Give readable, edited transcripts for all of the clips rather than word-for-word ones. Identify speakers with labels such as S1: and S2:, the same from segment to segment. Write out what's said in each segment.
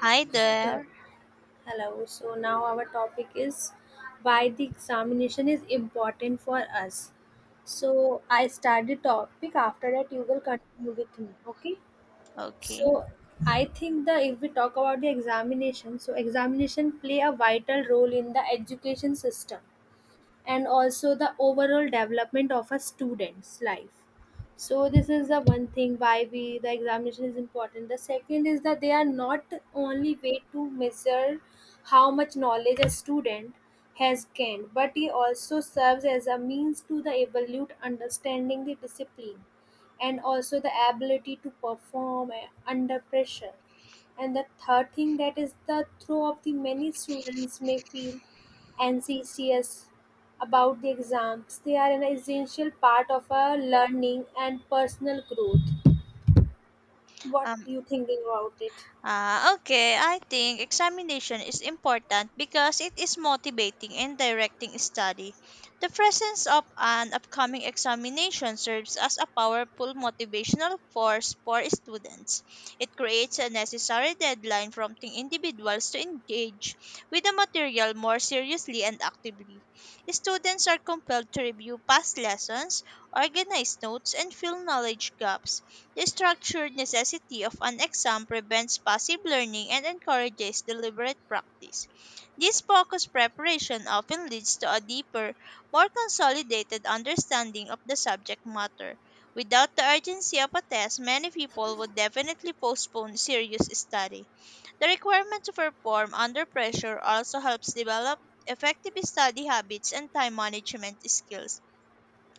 S1: Hi there.
S2: So, hello. So now our topic is why the examination is important for us. So I start the topic. After that, you will continue with me. Okay. So
S1: Okay.
S2: I think that if we talk about the examination, so examination play a vital role in the education system and also the overall development of a student's life, so this is the one thing why we the examination is important. The second is that they are not only way to measure how much knowledge a student has gained, but it also serves as a means to the evaluate understanding the discipline and also the ability to perform under pressure. And the third thing that is the throw of the many students may feel anxious about the exams. They are an essential part of our learning and personal growth. What
S1: Um,
S2: you thinking about it?
S1: okay, I think examination is important because it is motivating and directing study. The presence of an upcoming examination serves as a powerful motivational force for students. It creates a necessary deadline prompting individuals to engage with the material more seriously and actively. Students are compelled to review past lessons, organize notes, and fill knowledge gaps. The structured necessity of an exam prevents passive learning and encourages deliberate practice. This focused preparation often leads to a deeper, more consolidated understanding of the subject matter. Without the urgency of a test, many people would definitely postpone serious study. The requirement to perform under pressure also helps develop effective study habits and time management skills.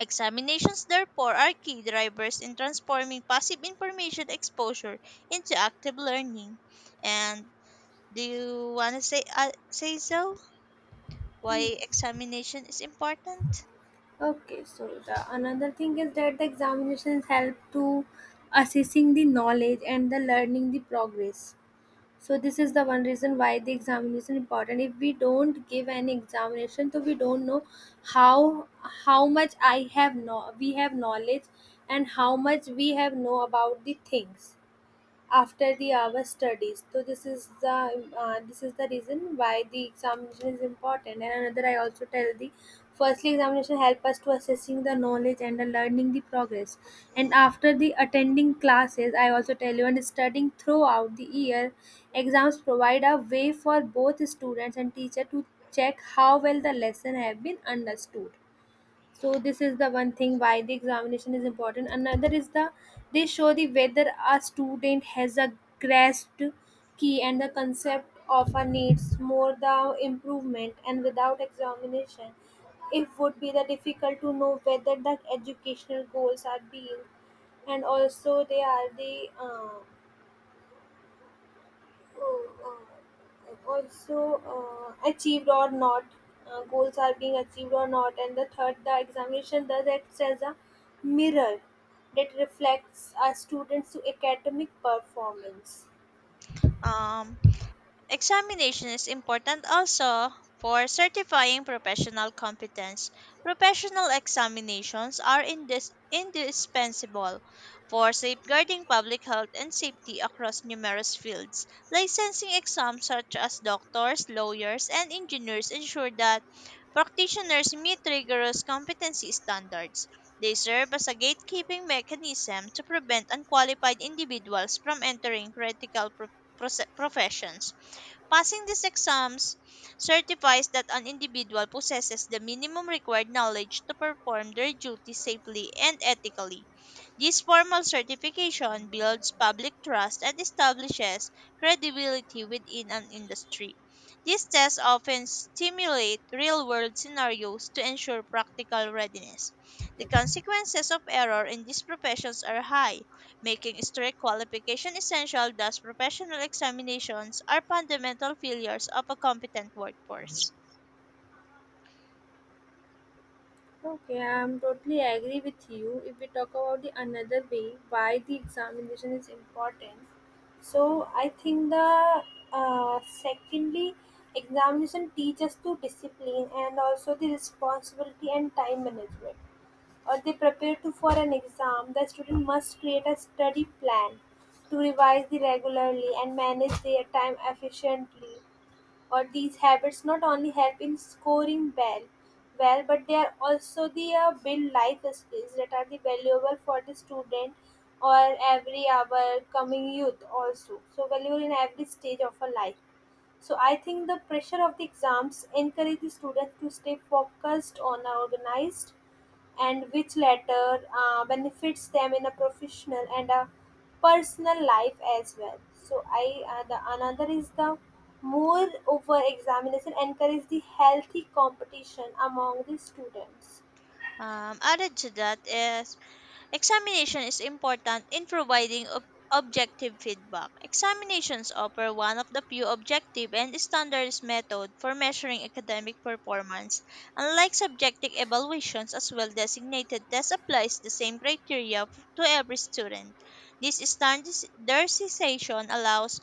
S1: Examinations, therefore, are key drivers in transforming passive information exposure into active learning. And do you want to say so? Why examination is important?
S2: Okay, so the another thing is that the examinations help to assessing the knowledge and the learning the progress. So this is the one reason why the examination important. If we don't give an examination, so we don't know how how much I have no we have knowledge and how much we have know about the things. After the hour studies, so this is the reason why the examination is important. And another I also tell the firstly examination help us to assessing the knowledge and the learning the progress, and after the attending classes I also tell you and studying throughout the year, exams provide a way for both students and teacher to check how well the lesson have been understood. So this is the one thing why the examination is important. Another is the they show the whether a student has a grasped key and the concept of a needs more the improvement, and without examination it would be the difficult to know whether the educational goals are being, and also they are the also achieved or not, goals are being achieved or not. And the third the examination does act as a mirror that reflects our students academic performance.
S1: Um, Examination is important also for certifying professional competence. Professional examinations are indispensable for safeguarding public health and safety across numerous fields. Licensing exams such as doctors, lawyers, and engineers ensure that practitioners meet rigorous competency standards. They serve as a gatekeeping mechanism to prevent unqualified individuals from entering critical professions. Passing these exams certifies that an individual possesses the minimum required knowledge to perform their duty safely and ethically. This formal certification builds public trust and establishes credibility within an industry. These tests often stimulate real world scenarios to ensure practical readiness. The consequences of error in these professions are high, making strict qualification essential. Thus professional examinations are fundamental failures of a competent workforce.
S2: Okay, I'm totally agree with you. If we talk about the another way why the examination is important, so I think the secondly examination teaches to discipline and also the responsibility and time management, or they prepare to for an exam, the student must create a study plan to revise the regularly and manage their time efficiently. Or these habits not only help in scoring well, but they are also the build life skills that are the valuable for the student or every our coming youth also. So valuable in every stage of a life. So I think the pressure of the exams encourage the students to stay focused on organized, and which latter benefits them in a professional and a personal life as well. So I the another is the more over examination encourage the healthy competition among the students.
S1: Added to that is examination is important in providing objective feedback. Examinations offer one of the few objective and standards method for measuring academic performance. Unlike subjective evaluations, as well designated test applies the same criteria to every student. This standardization allows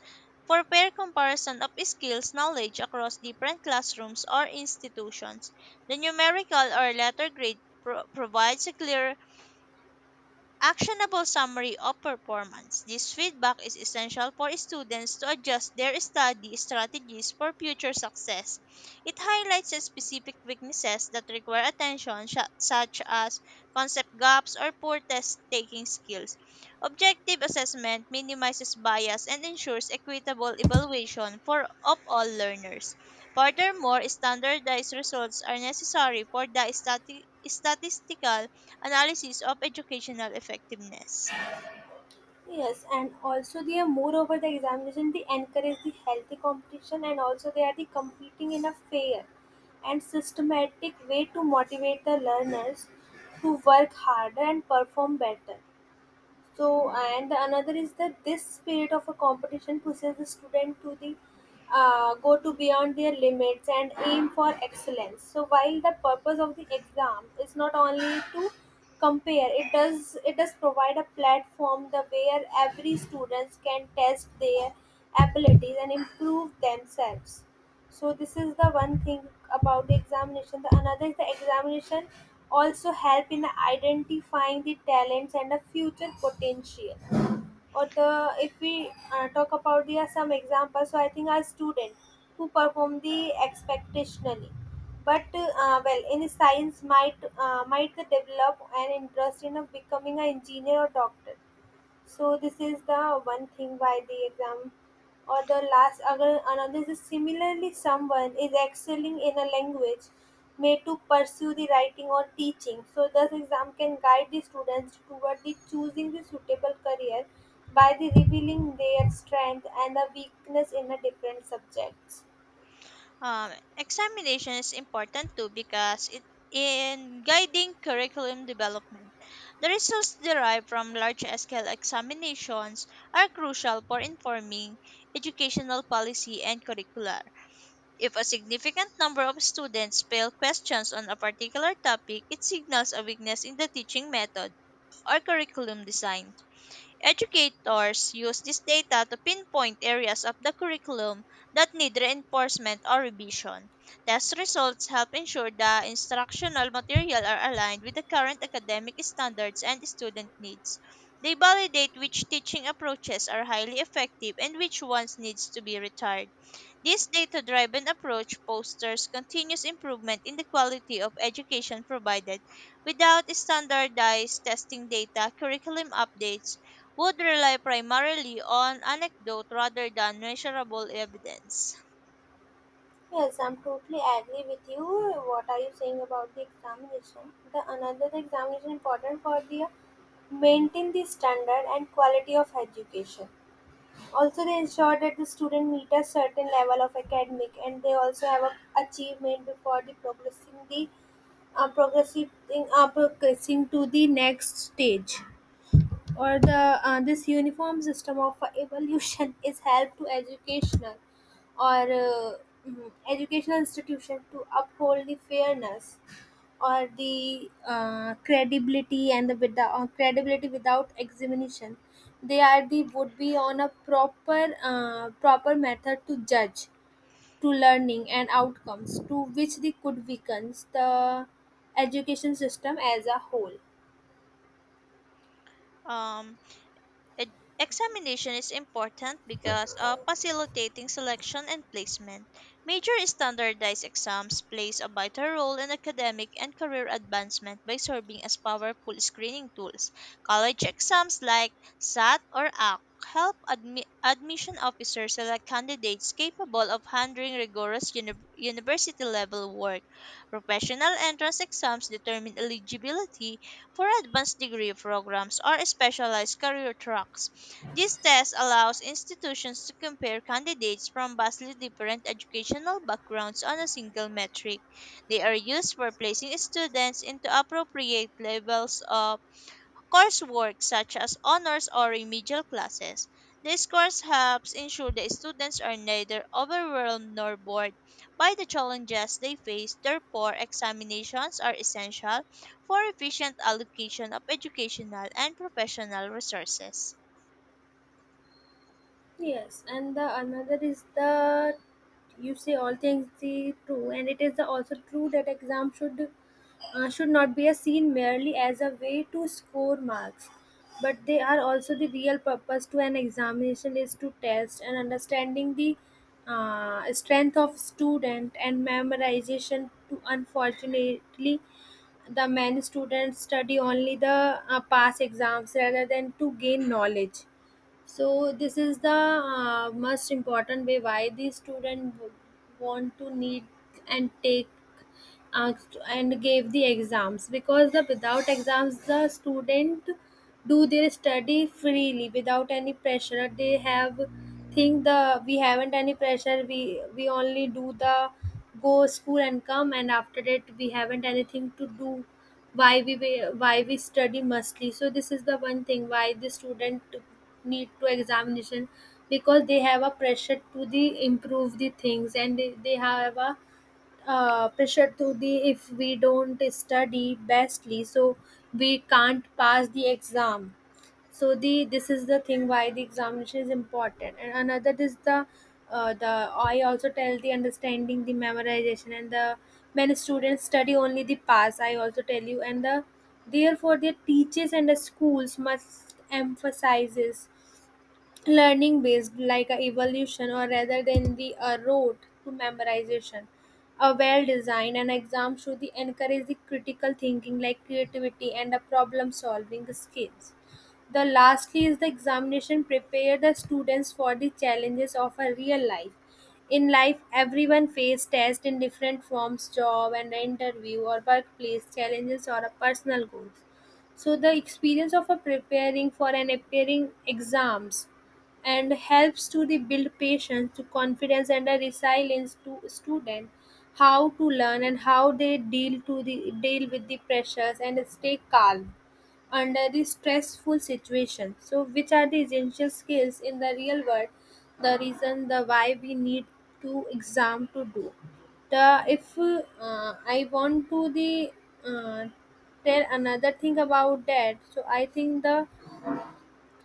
S1: for fair comparison of skills knowledge across different classrooms or institutions. The numerical or letter grade provides a clear actionable summary of performance. This feedback is essential for students to adjust their study strategies for future success. It highlights the specific weaknesses that require attention, such as concept gaps or poor test taking skills. Objective assessment minimizes bias and ensures equitable evaluation for of all learners. Furthermore, standardized results are necessary for the statistical analysis of educational effectiveness.
S2: Yes, and also they are moreover the examination they encourage the healthy competition and also they are the competing in a fair and systematic way to motivate the learners to work harder and perform better. So and another is that this spirit of a competition pushes the student to the go to beyond their limits and aim for excellence. So while the purpose of the exam is not only to compare, it does provide a platform the where every students can test their abilities and improve themselves. So this is the one thing about the examination. The another is the examination also help in identifying the talents and the future potential. Or the if we talk about the some examples, so I think our student who perform the expectationally, but well in science might develop an interest in of becoming an engineer or doctor. So this is the one thing why the exam, or the last other another is similarly someone is excelling in a language may to pursue the writing or teaching. So thus exam can guide the students toward the choosing the suitable career by the revealing their strength and the weakness in a different subjects.
S1: Um, Examination is important too because it in guiding curriculum development, the results derived from large-scale examinations are crucial for informing educational policy and curricula. If a significant number of students fail questions on a particular topic, it signals a weakness in the teaching method or curriculum design. Educators use this data to pinpoint areas of the curriculum that need reinforcement or revision. Test results help ensure the instructional material are aligned with the current academic standards and student needs. They validate which teaching approaches are highly effective and which ones needs to be retired. This data driven approach fosters continuous improvement in the quality of education provided. Without standardized testing data, curriculum updates would rely primarily on anecdote rather than measurable evidence.
S2: Yes, I'm totally agree with you. What are you saying about the examination? The another examination important for the maintain the standard and quality of education. Also, they ensure that the student meet a certain level of academic, and they also have a achievement before the progressing progressing to the next stage, or the this uniform system of evolution is help to educational or educational institution to uphold the fairness or the credibility and the without credibility without examination, they are the would be on a proper proper method to judge to learning and outcomes to which they could weaken the education system as a whole.
S1: Um, Examination is important because of facilitating selection and placement. Major standardized exams plays a vital role in academic and career advancement by serving as powerful screening tools. College exams like SAT or ACT help admission officers select candidates capable of handling rigorous university level work. Professional entrance exams determine eligibility for advanced degree programs or specialized career tracks. This test allows institutions to compare candidates from vastly different educational backgrounds on a single metric. They are used for placing students into appropriate levels of coursework such as honors or remedial classes. This course helps ensure that students are neither overwhelmed nor bored by the challenges they face. Therefore, examinations are essential for efficient allocation of educational and professional resources.
S2: Yes, and the another is the you say all things the true, and it is the also true that exam should not be a seen merely as a way to score marks, but they are also the real purpose to an examination is to test and understanding the strength of student and memorization. To unfortunately, the many students study only the pass exams rather than to gain knowledge. So this is the most important way why the student want to need and take asked and gave the exams, because the without exams the student do their study freely without any pressure. They have think the we haven't any pressure, we only do the go school and come, and after that we haven't anything to do, why we why we study mostly. So this is the one thing why the student need to examination, because they have a pressure to the improve the things, and they have a pressure to the if we don't study bestly, so we can't pass the exam. So the this is the thing why the examination is important. And another is the I also tell the understanding the memorization and the many students study only the pass I also tell you, and the therefore their teachers and the schools must emphasizes learning based like a evolution or rather than the a road to memorization. A well designed and exam should the encourage the critical thinking like creativity and a problem solving skills. The lastly is the examination prepare the students for the challenges of a real life. In life everyone face tests in different forms, job and interview or workplace challenges or a personal goals. So the experience of a preparing for an appearing exams and helps to the build patience to confidence and a resilience to student how to learn and how they deal to the deal with the pressures and stay calm under the stressful situation, so which are the essential skills in the real world. The reason the why we need to exam to do the if I want to the uh, tell another thing about that, so I think the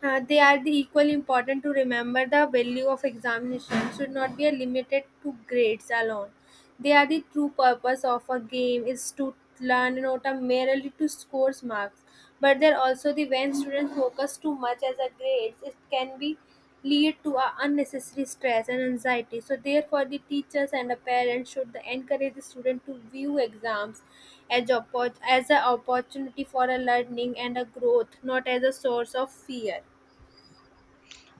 S2: they are the equally important to remember the value of examination should not be limited to grades alone. They are the true purpose of a game is to learn not a merely to score marks, but they're also the when students focus too much as a grades, it can be lead to a unnecessary stress and anxiety. So therefore the teachers and the parents should encourage the student to view exams as an opportunity for a learning and a growth, not as a source of fear.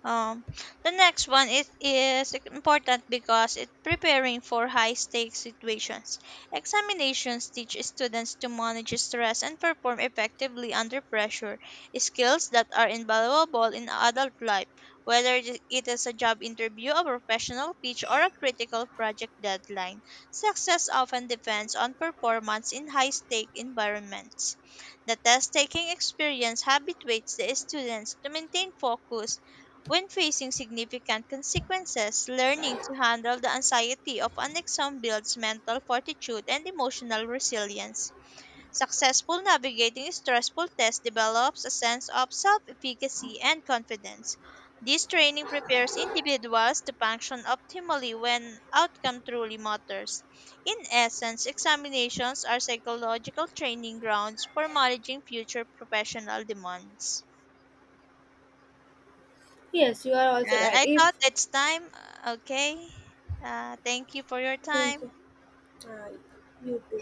S1: Um, the next one, it is important because it preparing for high stakes situations. Examinations teach students to manage stress and perform effectively under pressure, skills that are invaluable in adult life, whether it is a job interview, a professional pitch, or a critical project deadline. Success often depends on performance in high stake environments. The test taking experience habituates the students to maintain focus when facing significant consequences. Learning to handle the anxiety of an exam builds mental fortitude and emotional resilience. Successful navigating stressful tests develops a sense of self efficacy and confidence. This training prepares individuals to function optimally when outcome truly matters. In essence, examinations are psychological training grounds for managing future professional demands.
S2: Yes, you are also
S1: And
S2: right.
S1: I thought
S2: If
S1: it's time. Okay. Thank you for your
S2: thank
S1: time.
S2: you. Uh, you too.